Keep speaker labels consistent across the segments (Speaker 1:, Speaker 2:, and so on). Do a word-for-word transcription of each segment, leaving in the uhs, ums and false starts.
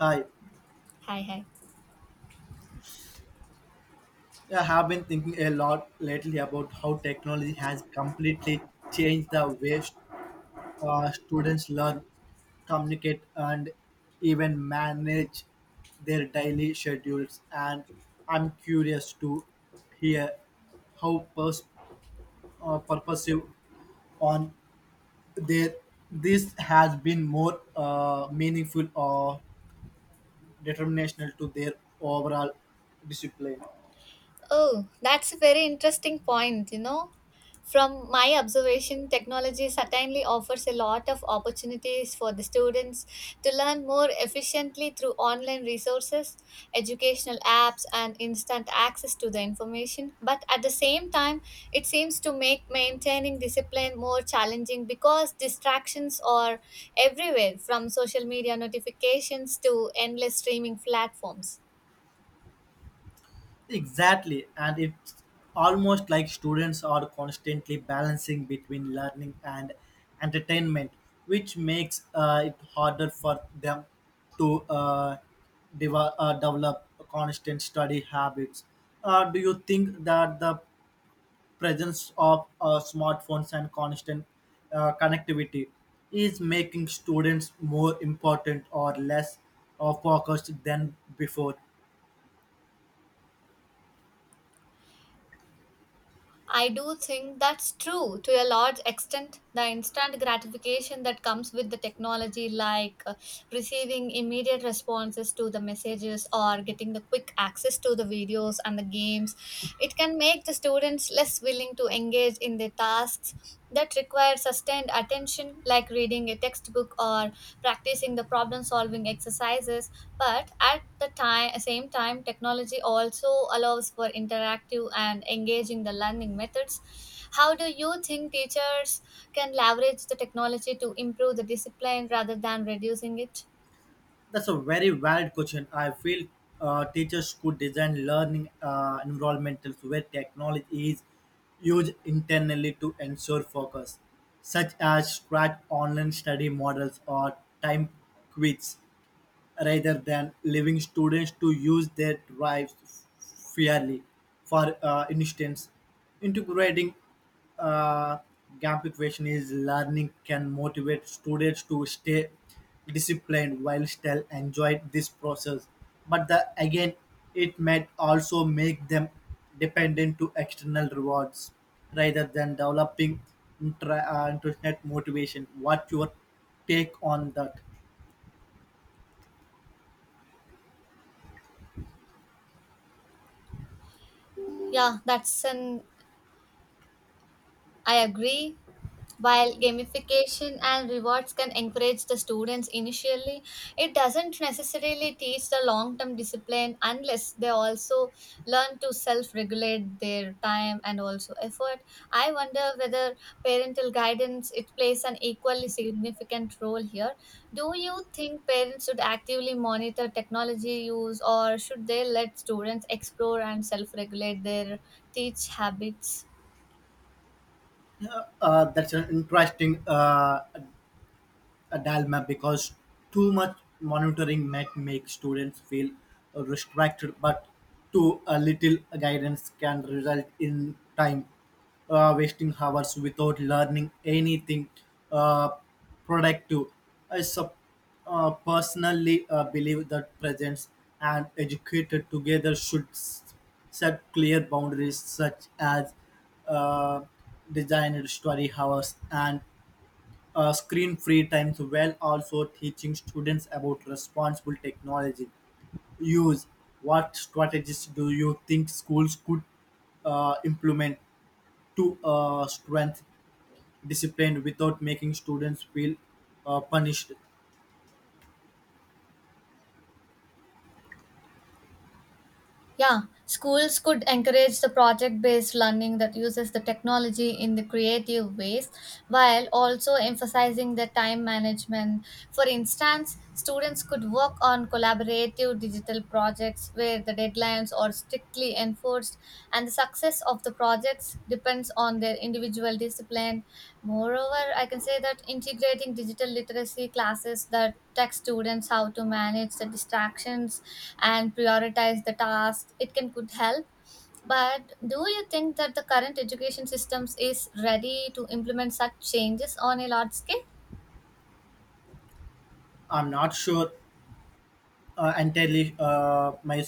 Speaker 1: Hi,
Speaker 2: Hi, hi.
Speaker 1: I have been thinking a lot lately about how technology has completely changed the way st- uh, students learn, communicate, and even manage their daily schedules. And I'm curious to hear how pers- uh, purposive on their this has been more uh, meaningful or determinational to their overall discipline.
Speaker 2: Oh, that's a very interesting point, you know. From my observation, technology certainly offers a lot of opportunities for the students to learn more efficiently through online resources, educational apps, and instant access to the information. But at the same time, it seems to make maintaining discipline more challenging because distractions are everywhere from social media notifications to endless streaming platforms.
Speaker 1: Exactly, and it's almost like students are constantly balancing between learning and entertainment, which makes uh, it harder for them to uh, deva- uh, develop constant study habits. Uh, do you think that the presence of uh, smartphones and constant uh, connectivity is making students more important or less uh, focused than before?
Speaker 2: I do think that's true to a large extent. The instant gratification that comes with the technology, like uh, receiving immediate responses to the messages or getting the quick access to the videos and the games, it can make the students less willing to engage in the tasks that require sustained attention, like reading a textbook or practicing the problem solving exercises. But at the time, Same time, technology also allows for interactive and engaging the learning methods. How do you think teachers can leverage the technology to improve the discipline rather than reducing it?
Speaker 1: That's a very valid question. I feel uh, teachers could design learning uh, environmentals where technology is used internally to ensure focus, such as track online study models or time quizzes rather than leaving students to use their drives fairly. For uh, instance, integrating uh, gamification is learning can motivate students to stay disciplined while still enjoy this process. But the, again, it might also make them dependent to external rewards rather than developing intra- uh, internet motivation. What your take on that?
Speaker 2: Yeah, that's an I agree. While gamification and rewards can encourage the students initially, it doesn't necessarily teach the long term discipline unless they also learn to self regulate their time and also effort. I wonder whether parental guidance it plays an equally significant role here. Do you think parents should actively monitor technology use or should they let students explore and self regulate their teach habits?
Speaker 1: Uh, that's an interesting uh, a dilemma because too much monitoring might make students feel restricted, but too a little guidance can result in time uh, wasting hours without learning anything uh, productive. I sup- uh, Personally uh, believe that parents and educated together should s- set clear boundaries such as uh, designed study hours and uh, screen free times while also teaching students about responsible technology use. What strategies do you think schools could uh, implement to uh, strengthen discipline without making students feel uh, punished?
Speaker 2: Yeah, schools could encourage the project based learning that uses the technology in the creative ways while also emphasizing the time management. For instance, students could work on collaborative digital projects where the deadlines are strictly enforced and the success of the projects depends on their individual discipline. Moreover, I can say that integrating digital literacy classes that tech students how to manage the distractions and prioritize the tasks it can could help. But do you think that the current education systems is ready to implement such changes on a large scale?
Speaker 1: I'm not sure uh, entirely uh, my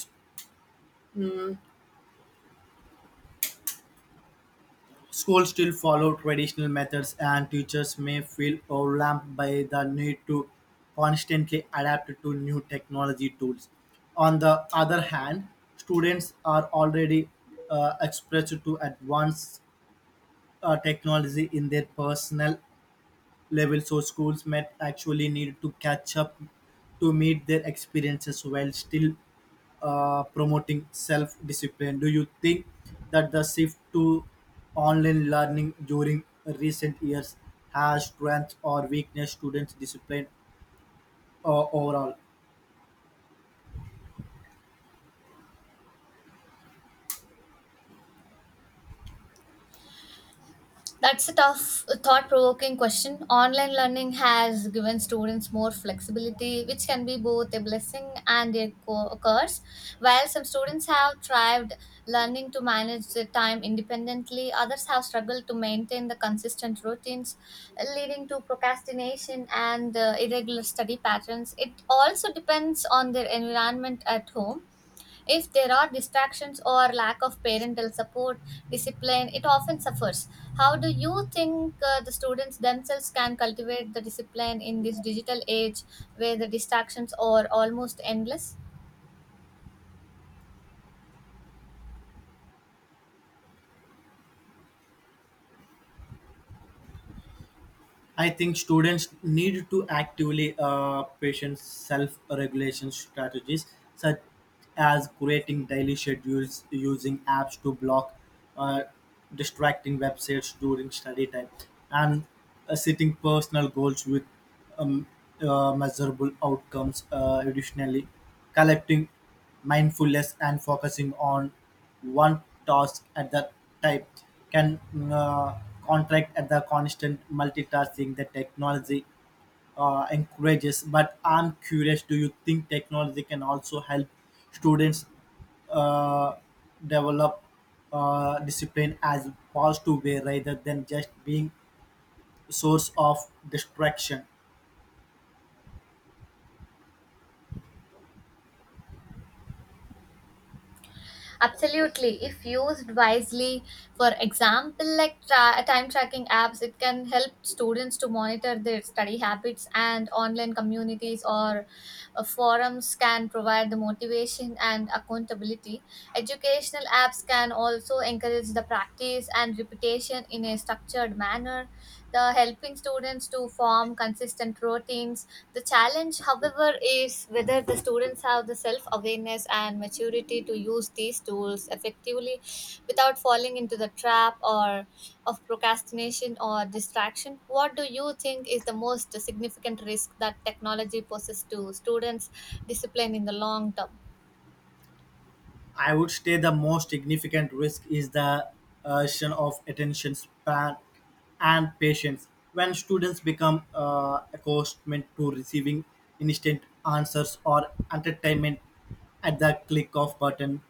Speaker 1: Schools still follow traditional methods, and teachers may feel overwhelmed by the need to constantly adapt to new technology tools. On the other hand, students are already uh, exposed to advanced uh, technology in their personal level, so schools might actually need to catch up to meet their experiences while still uh, promoting self discipline. Do you think that the shift to online learning during recent years has strengths or weakness students' discipline uh, overall?
Speaker 2: That's a tough, thought provoking question. Online learning has given students more flexibility, which can be both a blessing and a co- curse. While some students have thrived learning to manage their time independently, others have struggled to maintain the consistent routines, leading to procrastination and uh, irregular study patterns. It also depends on their environment at home. If there are distractions or lack of parental support, discipline, it often suffers. How do you think uh, the students themselves can cultivate the discipline in this digital age where the distractions are almost endless?
Speaker 1: I think students need to actively uh, patient self-regulation strategies such as creating daily schedules, using apps to block uh, distracting websites during study time, and uh, setting personal goals with um, uh, measurable outcomes. Uh, additionally, collecting mindfulness and focusing on one task at the time can mm, uh, contract at the constant multitasking that technology uh, encourages. But I'm curious, do you think technology can also help students uh, develop uh, discipline as positive way rather than just being source of distraction?
Speaker 2: Absolutely. If used wisely, for example, like tra- time tracking apps, it can help students to monitor their study habits, and online communities or uh, forums can provide the motivation and accountability. Educational apps can also encourage the practice and repetition in a structured manner the helping students to form consistent routines. The challenge, however, is whether the students have the self awareness and maturity to use these tools effectively without falling into the trap or of procrastination or distraction. What do you think is the most significant risk that technology poses to students' discipline in the long term?
Speaker 1: I would say the most significant risk is the erosion of attention span and patience. When students become uh, accustomed to receiving instant answers or entertainment at the click of button,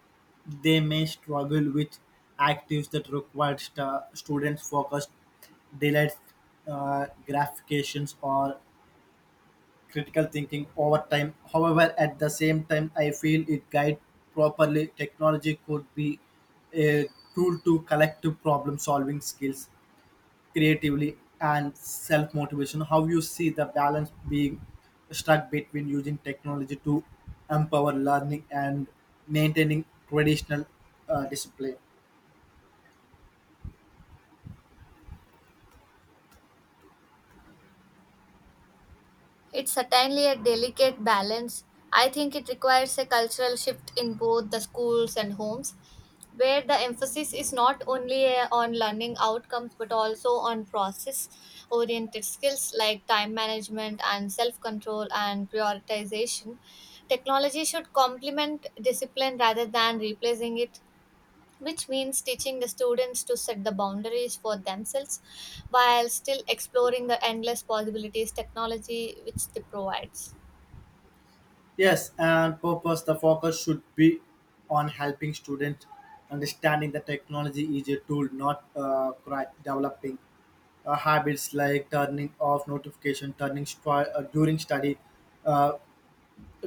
Speaker 1: they may struggle with activities that require stu- students focused, delayed uh, gratifications, or critical thinking over time. However, at the same time, I feel it guide properly. Technology could be a tool to collective problem solving skills, creatively and self motivation. How you see the balance being struck between using technology to empower learning and maintaining traditional uh, discipline?
Speaker 2: It's certainly a delicate balance. I think it requires a cultural shift in both the schools and homes, where the emphasis is not only uh, on learning outcomes but also on process oriented skills like time management and self control and prioritization. Technology should complement discipline rather than replacing it, which means teaching the students to set the boundaries for themselves while still exploring the endless possibilities technology which they provides.
Speaker 1: Yes, and purpose the focus should be on helping students understanding the technology is a tool, not uh, cri- developing uh, habits like turning off notification, turning stri- uh, during study, uh,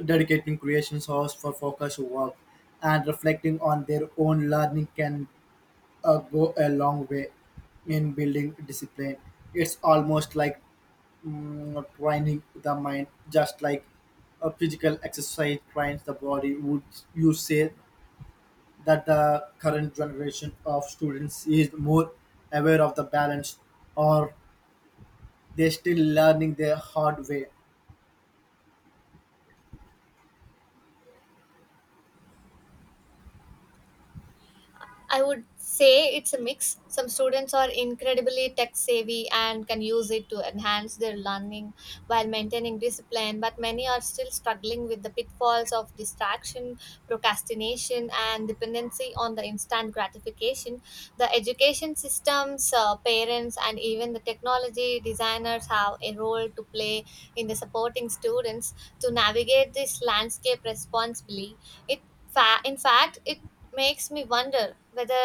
Speaker 1: dedicating creations hours for focus work, and reflecting on their own learning can uh, go a long way in building discipline. It's almost like mm, training the mind, just like a physical exercise trains the body. Would you say that the current generation of students is more aware of the balance, or they still learning the hard way?
Speaker 2: I would say it's a mix. Some students are incredibly tech savvy and can use it to enhance their learning while maintaining discipline, but many are still struggling with the pitfalls of distraction, procrastination, and dependency on the instant gratification. The education systems, uh, parents, and even the technology designers have a role to play in the supporting students to navigate this landscape responsibly. it fa- in fact, it makes me wonder whether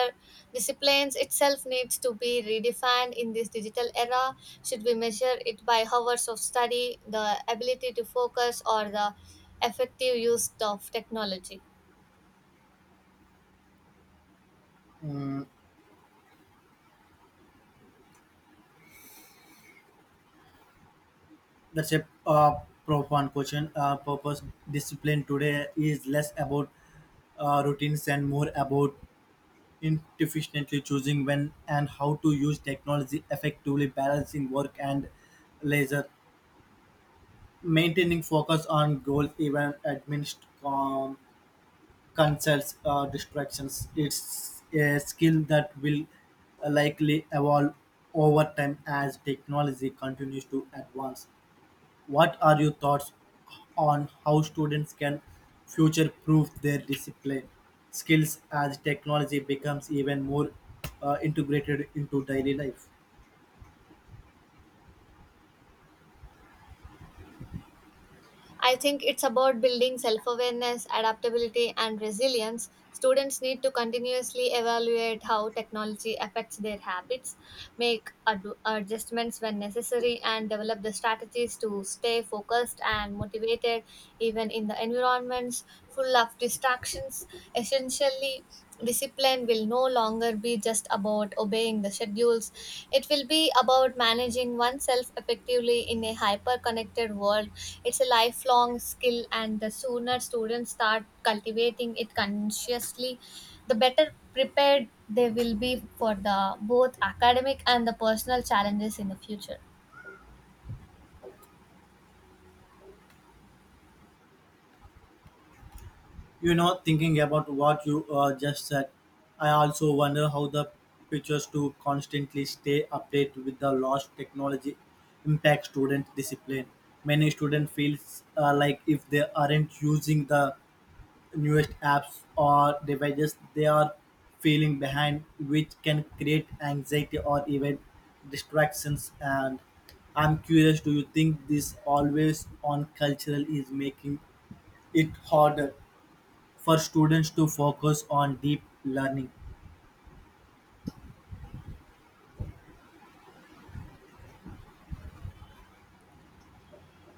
Speaker 2: disciplines itself needs to be redefined in this digital era. Should we measure it by hours of study, the ability to focus, or the effective use of technology?
Speaker 1: Mm, that's a uh, profound question. Uh, purpose discipline today is less about uh, routines and more about inefficiently choosing when and how to use technology effectively, balancing work and leisure, maintaining focus on goals even amidst um, concerns or distractions. It's a skill that will likely evolve over time as technology continues to advance. What are your thoughts on how students can future proof their discipline skills as technology becomes even more uh, integrated into daily life?
Speaker 2: I think it's about building self awareness, adaptability, and resilience. Students need to continuously evaluate how technology affects their habits, make ad- adjustments when necessary, and develop the strategies to stay focused and motivated even in the environments full of distractions. Essentially, discipline discipline will no longer be just about obeying the schedules. It will be about managing oneself effectively in a hyper connected world. It's a lifelong skill, and the sooner students start cultivating it consciously, the better prepared they will be for the both academic and the personal challenges in the future.
Speaker 1: You know, thinking about what you uh, just said, I also wonder how the teachers to constantly stay updated with the lost technology impact student discipline. Many students feels uh, like if they aren't using the newest apps or devices they are feeling behind, which can create anxiety or even distractions. And I'm curious, do you think this always on cultural is making it harder for students to focus on deep learning?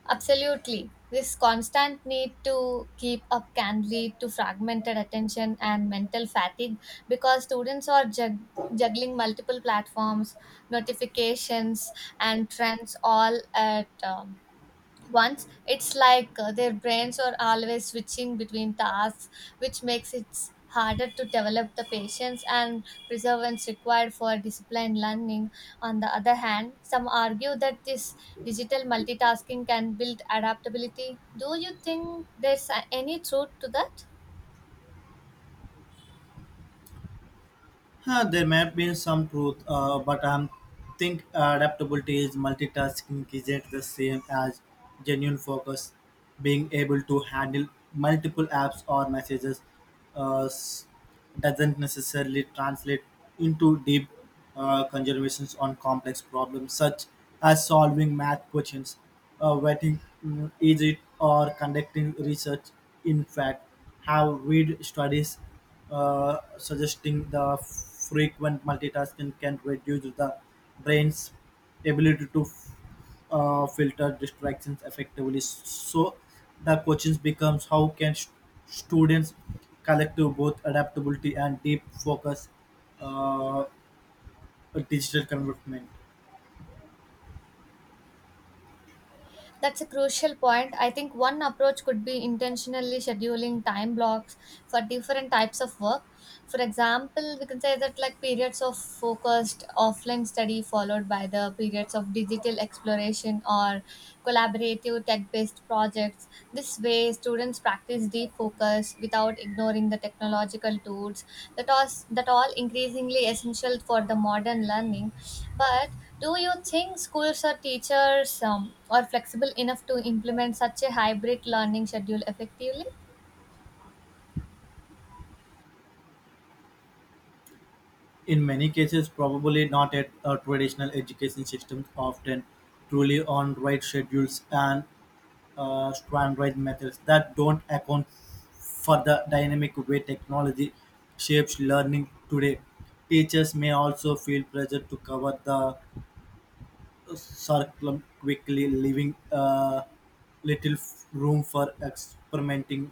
Speaker 2: Absolutely. This constant need to keep up can lead to fragmented attention and mental fatigue because students are jug- juggling multiple platforms, notifications, and trends all at um, once. It's like uh, their brains are always switching between tasks, which makes it harder to develop the patience and perseverance required for disciplined learning. On the other hand, some argue that this digital multitasking can build adaptability. Do you think there's uh, any truth to that?
Speaker 1: Huh, there may be some truth, uh, but I think adaptability is multitasking isn't the same as genuine focus. Being able to handle multiple apps or messages uh, s- doesn't necessarily translate into deep uh, conservations on complex problems such as solving math questions, uh, writing mm, easy, or conducting research. In fact, have read studies uh, suggesting the frequent multitasking can reduce the brain's ability to uh, filter distractions effectively. So the question becomes, how can st- students collective both adaptability and deep focus uh, digital convertment?
Speaker 2: That's a crucial point. I think one approach could be intentionally scheduling time blocks for different types of work. For example, we can say that like periods of focused offline study followed by the periods of digital exploration or collaborative tech based projects. This way, students practice deep focus without ignoring the technological tools that are that all increasingly essential for the modern learning. But do you think schools or teachers um, are flexible enough to implement such a hybrid learning schedule effectively?
Speaker 1: In many cases, probably not at uh, traditional education systems, often truly on right schedules and uh, standardized methods that don't account for the dynamic way technology shapes learning today. Teachers may also feel pressure to cover the curriculum quickly, leaving uh, little f- room for experimenting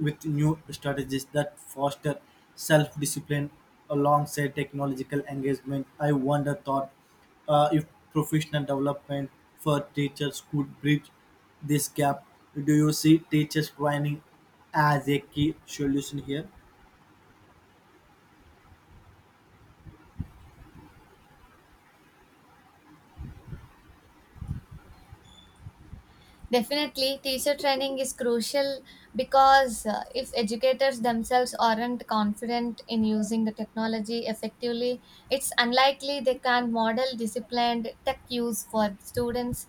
Speaker 1: with new strategies that foster self-discipline alongside technological engagement. I wonder thought uh, if professional development for teachers could bridge this gap. Do you see teachers training as a key solution here?
Speaker 2: Definitely, teacher training is crucial because uh, if educators themselves aren't confident in using the technology effectively, it's unlikely they can model disciplined tech use for students.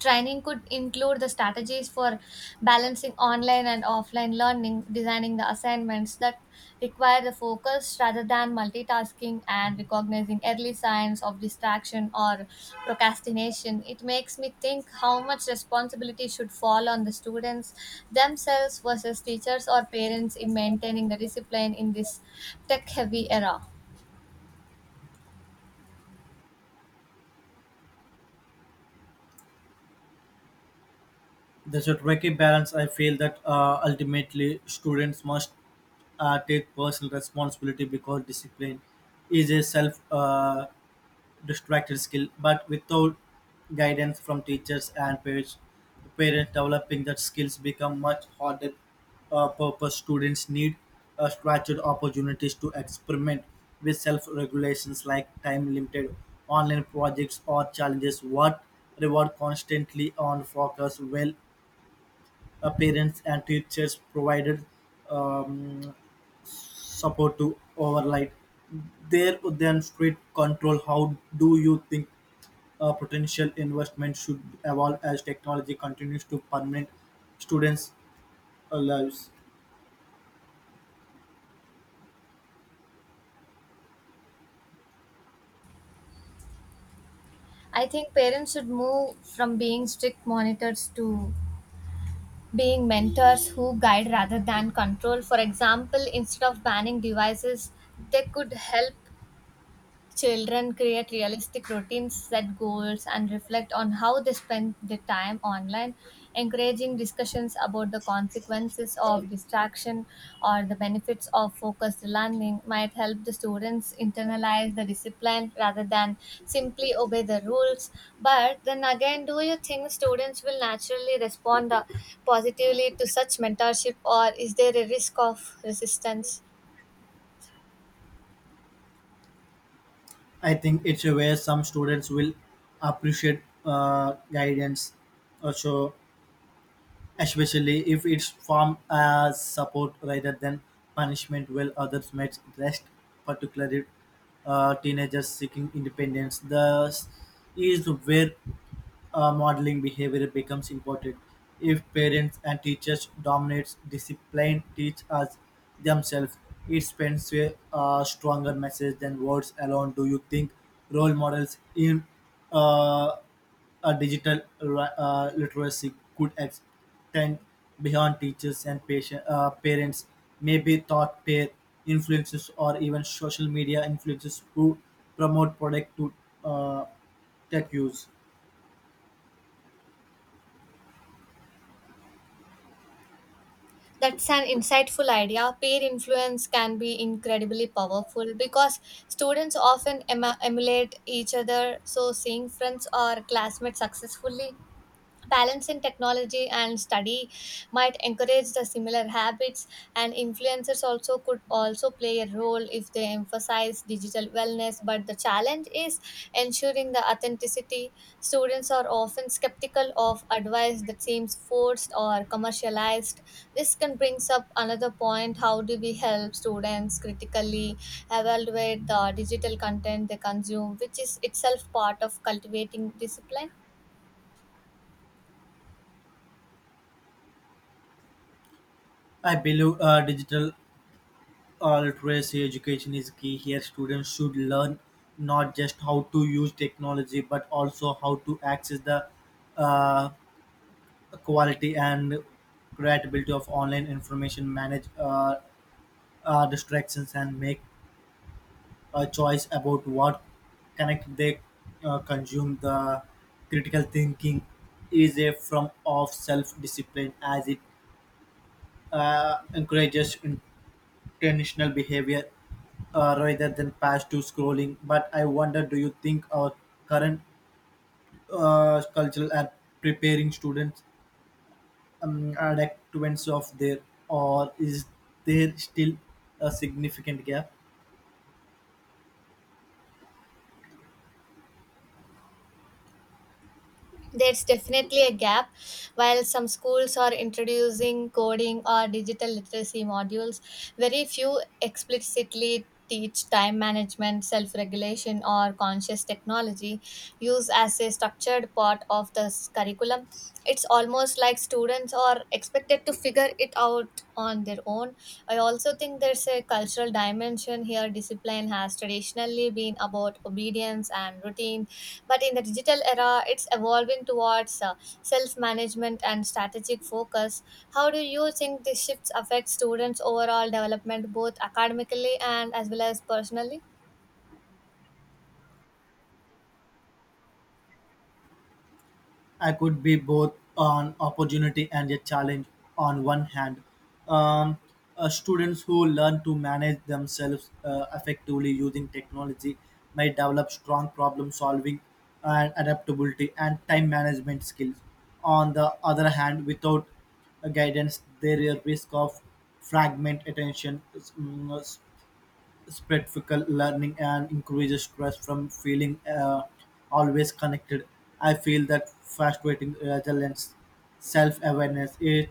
Speaker 2: Training could include the strategies for balancing online and offline learning, designing the assignments that require the focus rather than multitasking, and recognizing early signs of distraction or procrastination. It makes me think how much responsibility should fall on the students themselves versus teachers or parents in maintaining the discipline in this tech heavy era.
Speaker 1: There's a tricky balance. I feel that uh, ultimately students must uh, take personal responsibility because discipline is a self uh, distracted skill, but without guidance from teachers and parents, parents developing that skills become much harder. Uh, purpose students need uh, structured opportunities to experiment with self regulations like time limited online projects or challenges. What reward constantly on focus well uh, parents and teachers provided um, support to override their then street control. How do you think uh, potential investment should evolve as technology continues to permeate students uh, lives?
Speaker 2: I think parents should move from being strict monitors to being mentors who guide rather than control. For example, instead of banning devices, they could help Children create realistic routines, set goals, and reflect on how they spend their time online. Encouraging discussions about the consequences of distraction or the benefits of focused learning might help the students internalize the discipline rather than simply obey the rules. But then again, do you think students will naturally respond uh, positively to such mentorship, or is there a risk of resistance?
Speaker 1: I think it's where some students will appreciate uh, guidance also, especially if it's formed as support rather than punishment, while others might rest, particularly uh, teenagers seeking independence. Thus is where uh, modeling behavior becomes important. If parents and teachers dominate discipline, teach us themselves. It sends a uh, stronger message than words alone. Do you think role models in uh, a digital li- uh, literacy could extend beyond teachers and patient, uh, parents, maybe thought peer influences or even social media influences who promote product to uh, tech use?
Speaker 2: That's an insightful idea. Peer influence can be incredibly powerful because students often em emulate each other. So, seeing friends or classmates successfully balance in technology and study might encourage the similar habits. And influencers also could also play a role if they emphasize digital wellness. But the challenge is ensuring the authenticity. Students are often skeptical of advice that seems forced or commercialized. This can brings up another point: how do we help students critically evaluate the digital content they consume, which is itself part of cultivating discipline?
Speaker 1: I believe uh, digital uh, literacy education is key here. Students should learn not just how to use technology but also how to access the uh, quality and credibility of online information, manage uh, uh, distractions, and make a choice about what connect they uh, consume. The critical thinking is a form of self discipline as it uh, encourages intentional behavior uh, rather than past to scrolling. But I wonder, do you think our current uh, cultural are preparing students um, adaptants of their, or is there still a significant gap?
Speaker 2: There's definitely a gap. While some schools are introducing coding or digital literacy modules, very few explicitly teach time management, self regulation, or conscious technology use as a structured part of the curriculum. It's almost like students are expected to figure it out out on their own. I also think there's a cultural dimension here. Discipline has traditionally been about obedience and routine, but in the digital era, it's evolving towards uh, self management and strategic focus. How do you think these shifts affect students' overall development, both academically and as well as personally?
Speaker 1: I could be both an opportunity and a challenge. On one hand, um, uh, students who learn to manage themselves uh, effectively using technology may develop strong problem solving and adaptability and time management skills. On the other hand, without uh, guidance, there is a risk of fragment attention, mm, spectacle learning and increases stress from feeling uh, always connected. I feel that frustrating resilience, self awareness is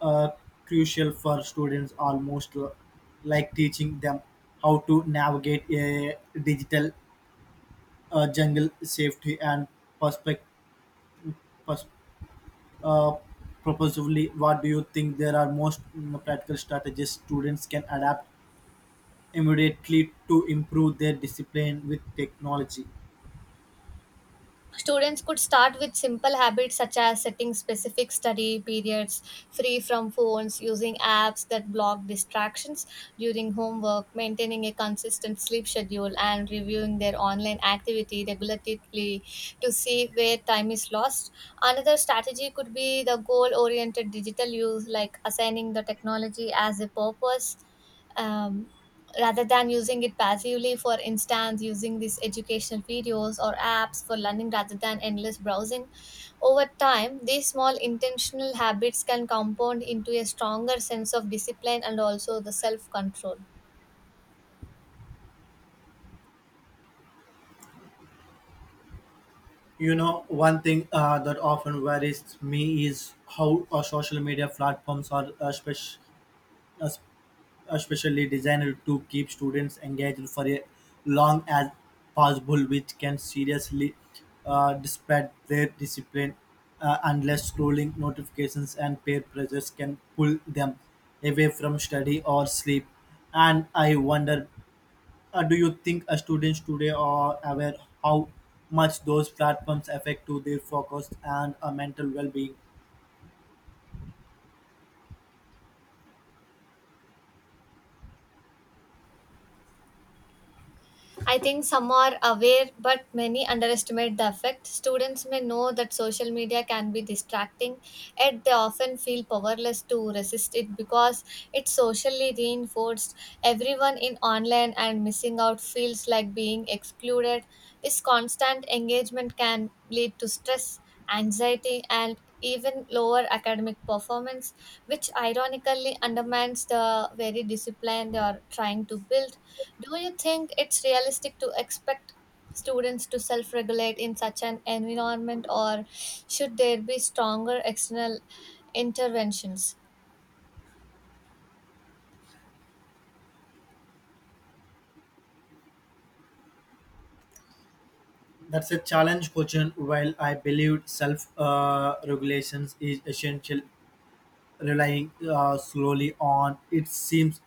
Speaker 1: uh, crucial for students, almost l- like teaching them how to navigate a digital uh, jungle safety and perspective. Pers- uh, Proposively, what do you think there are most mm, practical strategies students can adapt immediately to improve their discipline with technology?
Speaker 2: Students could start with simple habits such as setting specific study periods free from phones, using apps that block distractions during homework, maintaining a consistent sleep schedule, and reviewing their online activity regularly to see where time is lost. Another strategy could be the goal oriented digital use, like assigning the technology as a purpose um, rather than using it passively, for instance using these educational videos or apps for learning rather than endless browsing. Over time these small intentional habits can compound into a stronger sense of discipline and also the self control.
Speaker 1: You know, one thing uh, that often worries me is how uh, social media platforms are uh, spec- uh, especially designed to keep students engaged for a long as possible, which can seriously uh, disrupt their discipline uh, unless scrolling notifications and peer pressures can pull them away from study or sleep. And I wonder, Uh, do you think uh, students today are aware how much those platforms affect to their focus and uh, mental well-being?
Speaker 2: I think some are aware, but many underestimate the effect. Students may know that social media can be distracting, yet they often feel powerless to resist it because it's socially reinforced. Everyone in online and missing out feels like being excluded. This constant engagement can lead to stress, anxiety, and even lower academic performance, which ironically undermines the very discipline they are trying to build. Do you think it's realistic to expect students to self regulate in such an environment, or should there be stronger external interventions?
Speaker 1: That's a challenge question. While I believe self-regulations uh regulations is essential, relying uh, slowly on it seems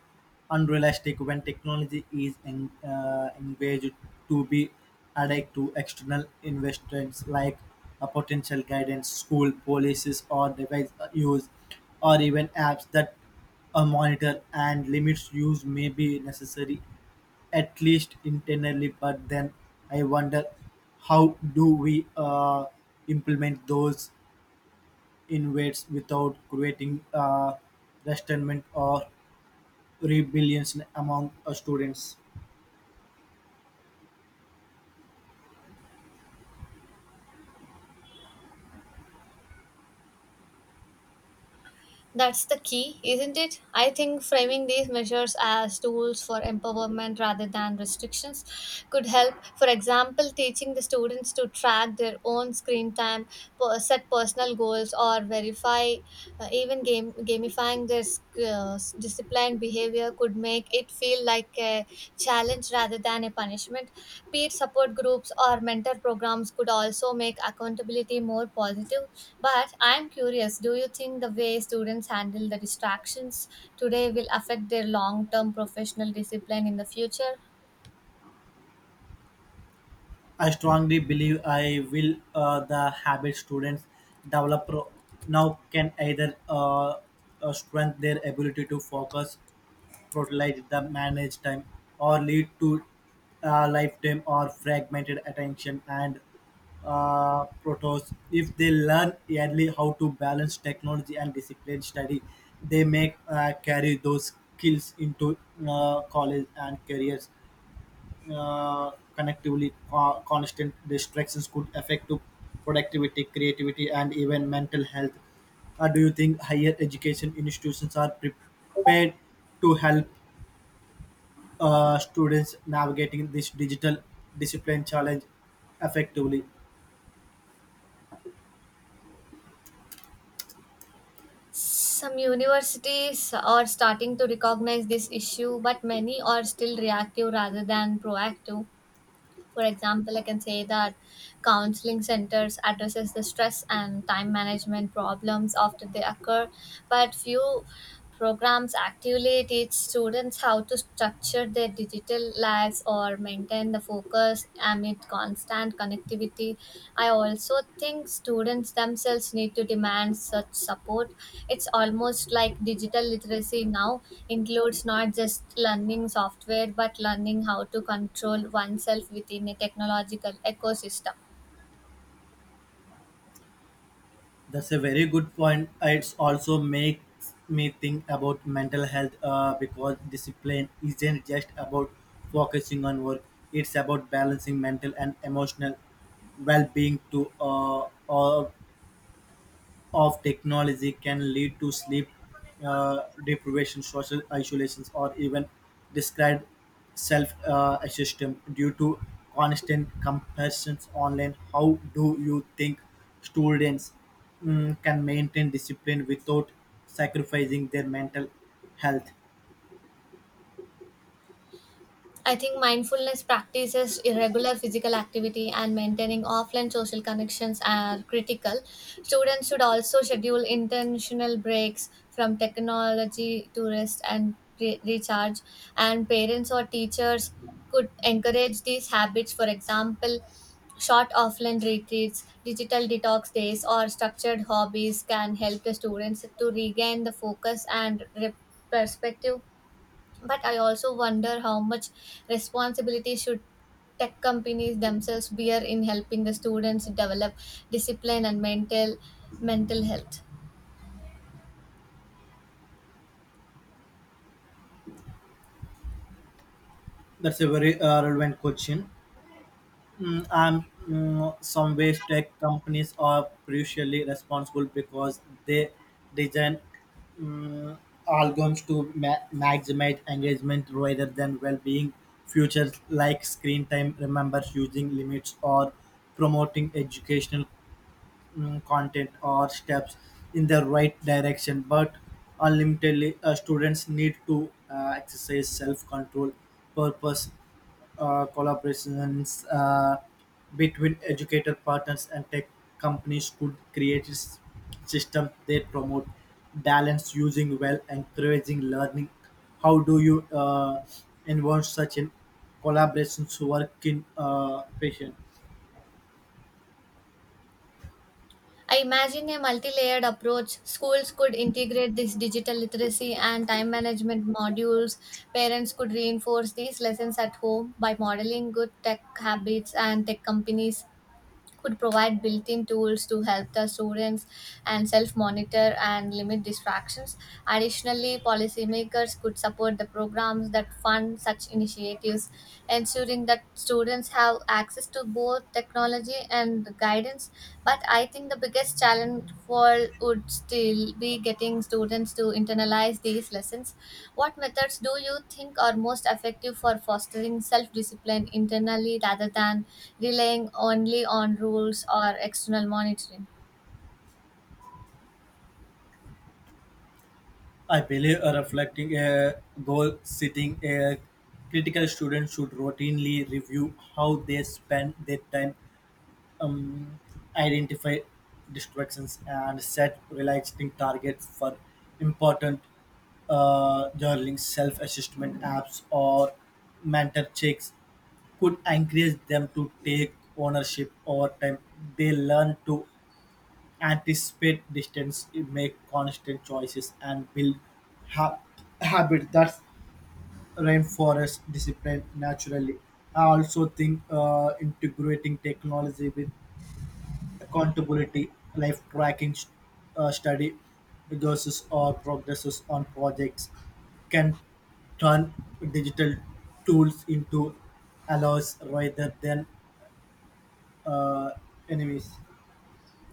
Speaker 1: unrealistic when technology is en- uh, engaged to be added to external investments like a potential guidance, school policies, or device use, or even apps that uh, monitor and limits use may be necessary, at least internally. But then I wonder, how do we uh, implement those invades without creating uh, resentment or rebellion among uh, students?
Speaker 2: That's the key, isn't it? I think framing these measures as tools for empowerment rather than restrictions could help. For example, teaching the students to track their own screen time, per- set personal goals, or verify, uh, even game, gamifying their sc- uh, disciplined behavior could make it feel like a challenge rather than a punishment. Peer support groups or mentor programs could also make accountability more positive, but I'm curious, do you think the way students handle the distractions today will affect their long term professional discipline in the future?
Speaker 1: I strongly believe I will, uh, the habit students develop pro- now can either uh, uh, strengthen their ability to focus, totalize the managed time, or lead to uh, lifetime or fragmented attention and uh, protos. If they learn early how to balance technology and disciplined study, they may uh, carry those skills into uh, college and careers. Uh, Connectively, co- constant distractions could affect to productivity, creativity, and even mental health. Uh, do you think higher education institutions are prepared to help uh, students navigating this digital discipline challenge effectively?
Speaker 2: Some universities are starting to recognize this issue, but many are still reactive rather than proactive. For example, I can say that counseling centers addresses the stress and time management problems after they occur, but few programs actively teach students how to structure their digital lives or maintain the focus amid constant connectivity. I also think students themselves need to demand such support. It's almost like digital literacy now includes not just learning software but learning how to control oneself within a technological ecosystem.
Speaker 1: That's a very good point. It also makes me think about mental health, uh, because discipline isn't just about focusing on work, it's about balancing mental and emotional well being to uh, uh, of technology can lead to sleep uh, deprivation, social isolations, or even described self uh, assessment due to constant comparisons online. How do you think students, mm, can maintain discipline without sacrificing their mental health?
Speaker 2: I think mindfulness practices, irregular physical activity, and maintaining offline social connections are critical. Students should also schedule intentional breaks from technology to rest and re- recharge, and parents or teachers could encourage these habits. For example, short offline retreats, digital detox days, or structured hobbies can help the students to regain the focus and re- perspective, but I also wonder how much responsibility should tech companies themselves bear in helping the students develop discipline and mental mental health.
Speaker 1: That's a very uh, relevant question. Mm, and mm, some ways tech companies are crucially responsible because they design, mm, algorithms to ma- maximize engagement rather than well-being. Features like screen time remembers using limits or promoting educational, mm, content or steps in the right direction, but unlimitedly, uh, students need to uh, exercise self-control purpose. Uh, collaborations, uh, between educator partners and tech companies could create s- system they promote balance using well encouraging learning. How do you uh, involve such in collaborations work in uh, patient?
Speaker 2: I imagine a multi-layered approach. Schools could integrate this digital literacy and time management modules, parents could reinforce these lessons at home by modeling good tech habits, and tech companies could provide built-in tools to help the students and self-monitor and limit distractions. Additionally, policymakers could support the programs that fund such initiatives, ensuring that students have access to both technology and guidance, but I think the biggest challenge for would still be getting students to internalize these lessons. What methods do you think are most effective for fostering self discipline internally rather than relying only on rules or external monitoring?
Speaker 1: I believe a reflecting a goal setting a critical student should routinely review how they spend their time, um, identify distractions, and set realistic targets for important, uh, journaling, self-assessment apps, or mentor checks could encourage them to take ownership over time. They learn to anticipate distance, make constant choices, and build ha- habit that reinforce discipline naturally. I also think, uh, integrating technology with accountability, life tracking, st- uh, study resources, or progresses on projects can turn digital tools into allows rather than, uh, enemies.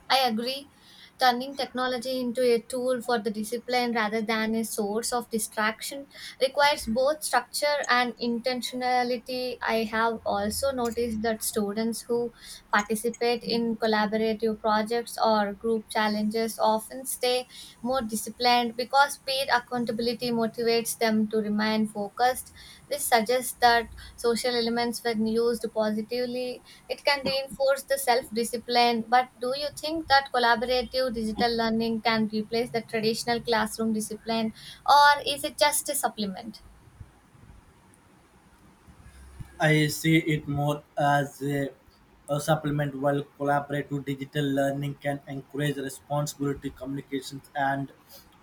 Speaker 2: I agree. Turning technology into a tool for the discipline rather than a source of distraction requires both structure and intentionality. I have also noticed that students who participate in collaborative projects or group challenges often stay more disciplined because peer accountability motivates them to remain focused. This suggests that social elements, when used positively, it can reinforce the self discipline. But do you think that collaborative digital learning can replace the traditional classroom discipline, or is it just a supplement?
Speaker 1: I see it more as a, a supplement. While collaborative digital learning can encourage responsibility, communications, and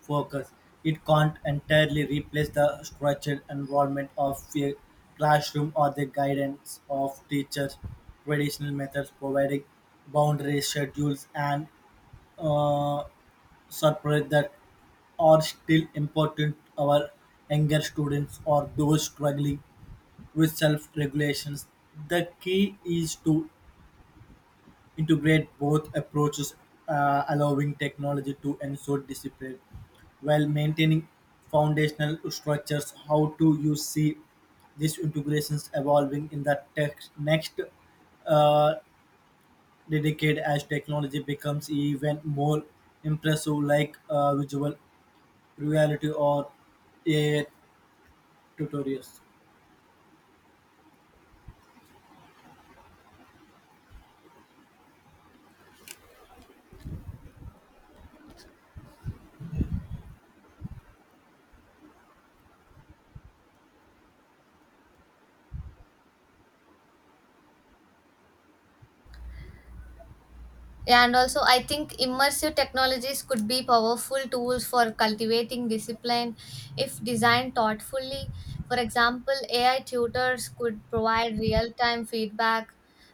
Speaker 1: focus, it can't entirely replace the structured environment of a classroom or the guidance of teachers. Traditional methods providing boundaries, schedules, and, uh, surprise that are still important to our younger students or those struggling with self regulations. The key is to integrate both approaches, uh, allowing technology to ensure discipline while maintaining foundational structures. How do you see these integrations evolving in the tech next, uh, decade as technology becomes even more impressive, like uh, visual reality or A I tutorials?
Speaker 2: Yeah, and also I think immersive technologies could be powerful tools for cultivating discipline if designed thoughtfully. For example, A I tutors could provide real time feedback,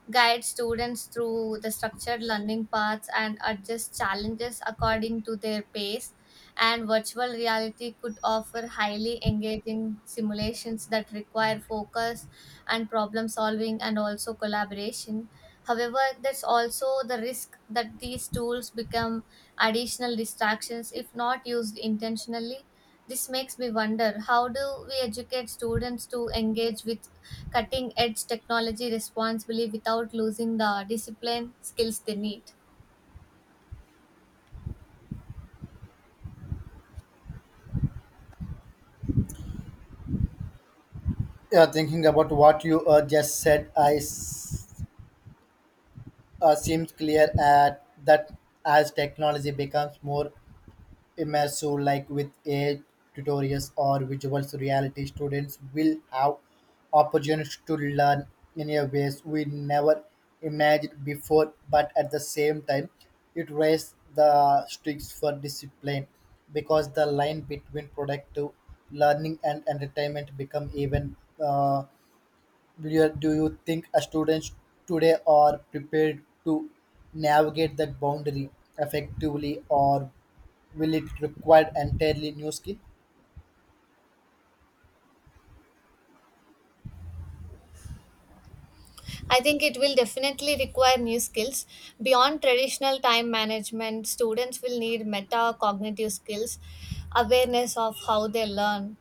Speaker 2: guide students through the structured learning paths, and adjust challenges according to their pace, and virtual reality could offer highly engaging simulations that require focus and problem solving and also collaboration. However, there's also the risk that these tools become additional distractions if not used intentionally. This makes me wonder, how do we educate students to engage with cutting edge technology responsibly without losing the discipline skills they need?
Speaker 1: Yeah, thinking about what you uh, just said, I s- uh, seems clear at that as technology becomes more immersive, like with A I tutorials or visual reality, students will have opportunities to learn in a ways we never imagined before. But at the same time, it raises the stakes for discipline because the line between productive learning and entertainment become even, uh, do you, do you think a students today are prepared to navigate that boundary effectively, or will it require entirely new skill?
Speaker 2: I think it will definitely require new skills. Beyond traditional time management, students will need metacognitive skills, awareness of how they learn,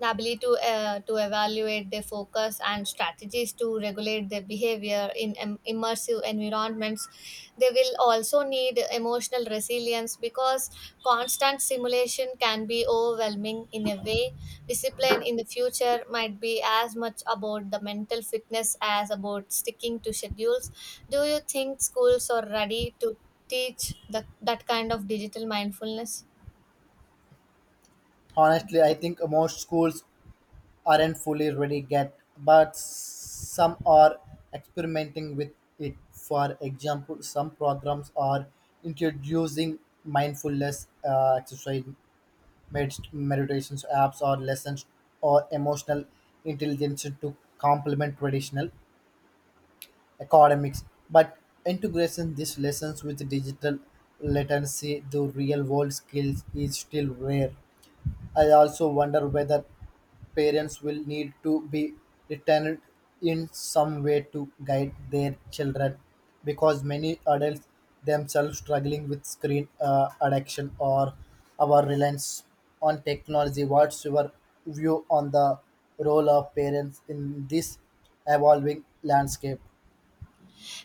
Speaker 2: the ability to, uh, to evaluate their focus and strategies to regulate their behavior in im- immersive environments. They will also need emotional resilience because constant simulation can be overwhelming in a way. Discipline in the future might be as much about the mental fitness as about sticking to schedules. Do you think schools are ready to teach the, that kind of digital mindfulness?
Speaker 1: Honestly, I think most schools aren't fully ready yet, but some are experimenting with it. For example, some programs are introducing mindfulness uh, exercise, med- meditation apps, or lessons or emotional intelligence to complement traditional academics, but integration these lessons with digital literacy to real world skills is still rare. I also wonder whether parents will need to be returned in some way to guide their children, because many adults themselves struggling with screen, uh, addiction or our reliance on technology. What's your view on the role of parents in this evolving landscape?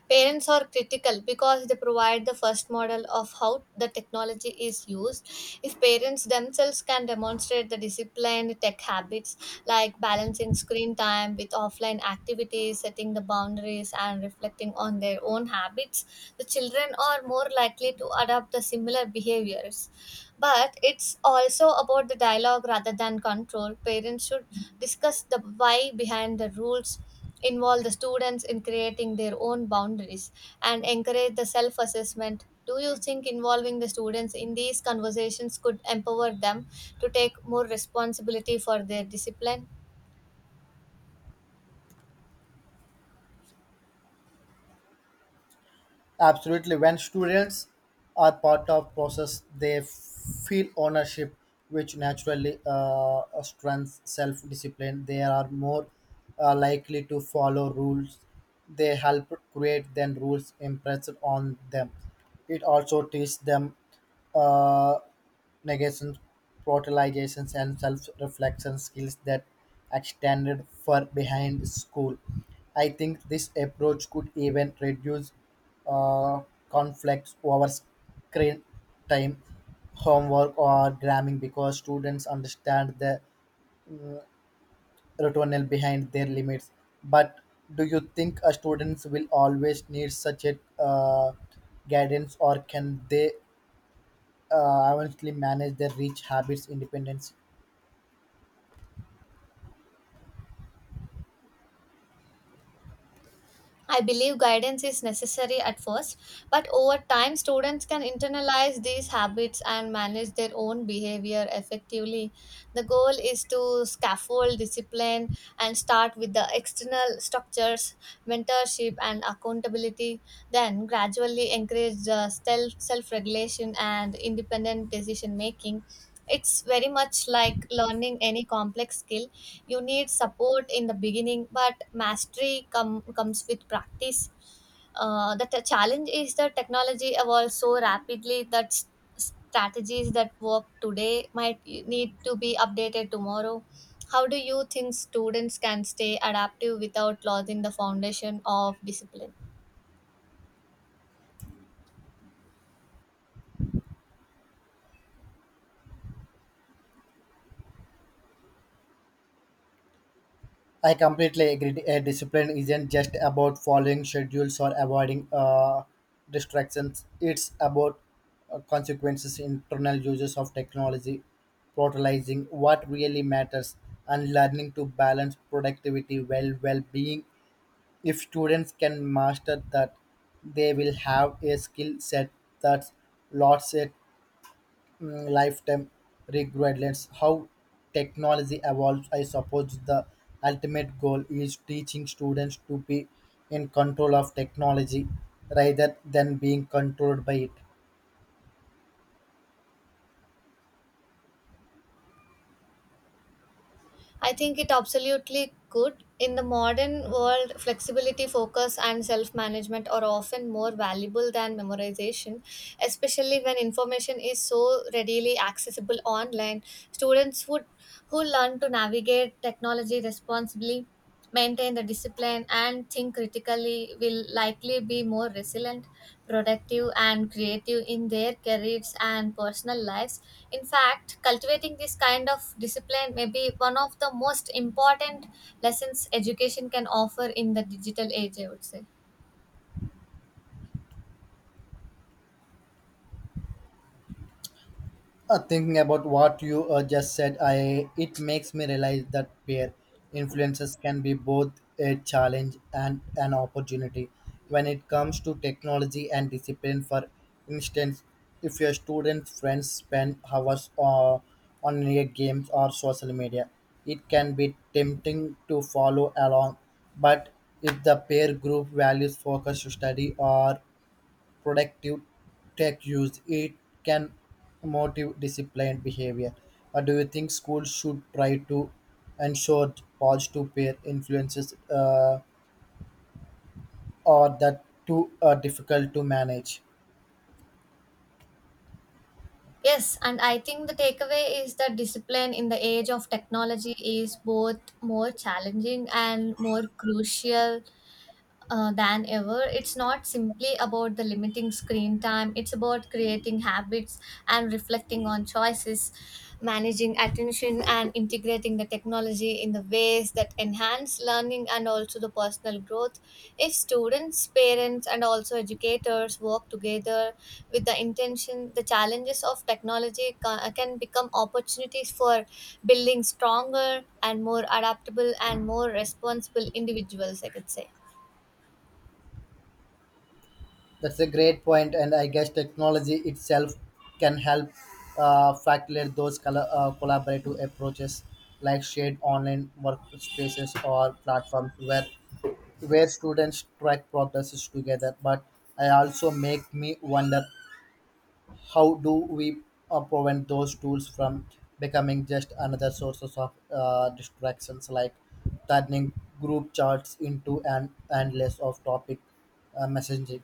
Speaker 2: Parents are critical because they provide the first model of how the technology is used. If parents themselves can demonstrate the disciplined tech habits like balancing screen time with offline activities, setting the boundaries, and reflecting on their own habits, the children are more likely to adopt the similar behaviors. But it's also about the dialogue rather than control. Parents should discuss the why behind the rules, involve the students in creating their own boundaries, and encourage the self assessment. Do you think involving the students in these conversations could empower them to take more responsibility for their discipline?
Speaker 1: Absolutely. When students are part of process, they feel ownership, which naturally uh, strengthens self-discipline. They are more, uh, likely to follow rules. They help create than rules impressed on them. It also teaches them, uh, negations, prioritization, and self-reflection skills that extended far behind school. I think this approach could even reduce, uh, conflicts over screen time, homework, or gramming because students understand the rationale behind their limits. But do you think, uh, students will always need such a, uh, guidance, or can they, uh, eventually manage their rich habits independently?
Speaker 2: I believe guidance is necessary at first, but over time, students can internalize these habits and manage their own behavior effectively. The goal is to scaffold discipline and start with the external structures, mentorship, and accountability, then gradually encourage the self regulation and independent decision making. It's very much like learning any complex skill. You need support in the beginning, but mastery com- comes with practice. Uh, the t- challenge is that technology evolves so rapidly that s- strategies that work today might need to be updated tomorrow. How do you think students can stay adaptive without losing the foundation of discipline?
Speaker 1: I completely agree. Uh, discipline isn't just about following schedules or avoiding, uh, distractions. It's about, uh, consequences, internal uses of technology, prioritizing what really matters, and learning to balance productivity well well-being. If students can master that, they will have a skill set that's lots at, mm, lifetime regardless how technology evolves. I suppose the ultimate goal is teaching students to be in control of technology rather than being controlled by it.
Speaker 2: I think it absolutely could. In the modern world, flexibility, focus, and self management are often more valuable than memorization, especially when information is so readily accessible online. Students would, who learn to navigate technology responsibly, maintain the discipline and think critically will likely be more resilient, productive, and creative in their careers and personal lives. In fact, cultivating this kind of discipline may be one of the most important lessons education can offer in the digital age, I would say.
Speaker 1: Uh, thinking about what you uh, just said, I it makes me realize that peer influences can be both a challenge and an opportunity. When it comes to technology and discipline, for instance, if your student friends spend hours, uh, on your games or social media, it can be tempting to follow along. But if the peer group values focused study or productive tech use, it can motivate disciplined behavior. But do you think schools should try to ensure positive peer influences, uh, or that too, uh, difficult to manage?
Speaker 2: Yes, and I think the takeaway is that discipline in the age of technology is both more challenging and more crucial uh, than ever. It's not simply about the limiting screen time, it's about creating habits and reflecting on choices, managing attention, and integrating the technology in the ways that enhance learning and also the personal growth. If students, parents, and also educators work together with the intention, the challenges of technology ca- can become opportunities for building stronger and more adaptable and more responsible individuals, I could say.
Speaker 1: That's a great point, and I guess technology itself can help, uh, facilitate those color, uh, collaborative approaches like shared online workspaces or platforms where where students track progress together. But I also make me wonder, how do we, uh, prevent those tools from becoming just another sources of, uh, distractions, like turning group charts into an endless of topic, uh, messaging.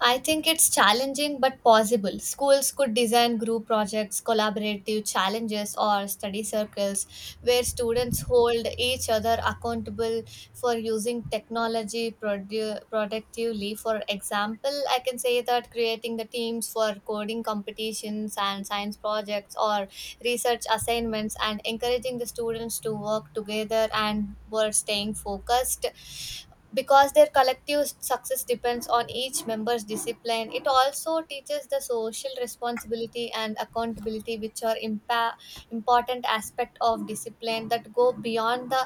Speaker 2: I think it's challenging but possible. Schools could design group projects, collaborative challenges, or study circles where students hold each other accountable for using technology produ- productively. For example, I can say that creating the teams for coding competitions and science projects or research assignments, and encouraging the students to work together and were staying focused because their collective success depends on each member's discipline. It also teaches the social responsibility and accountability, which are impa- important aspect of discipline that go beyond the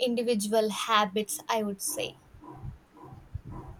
Speaker 2: individual habits, I would say.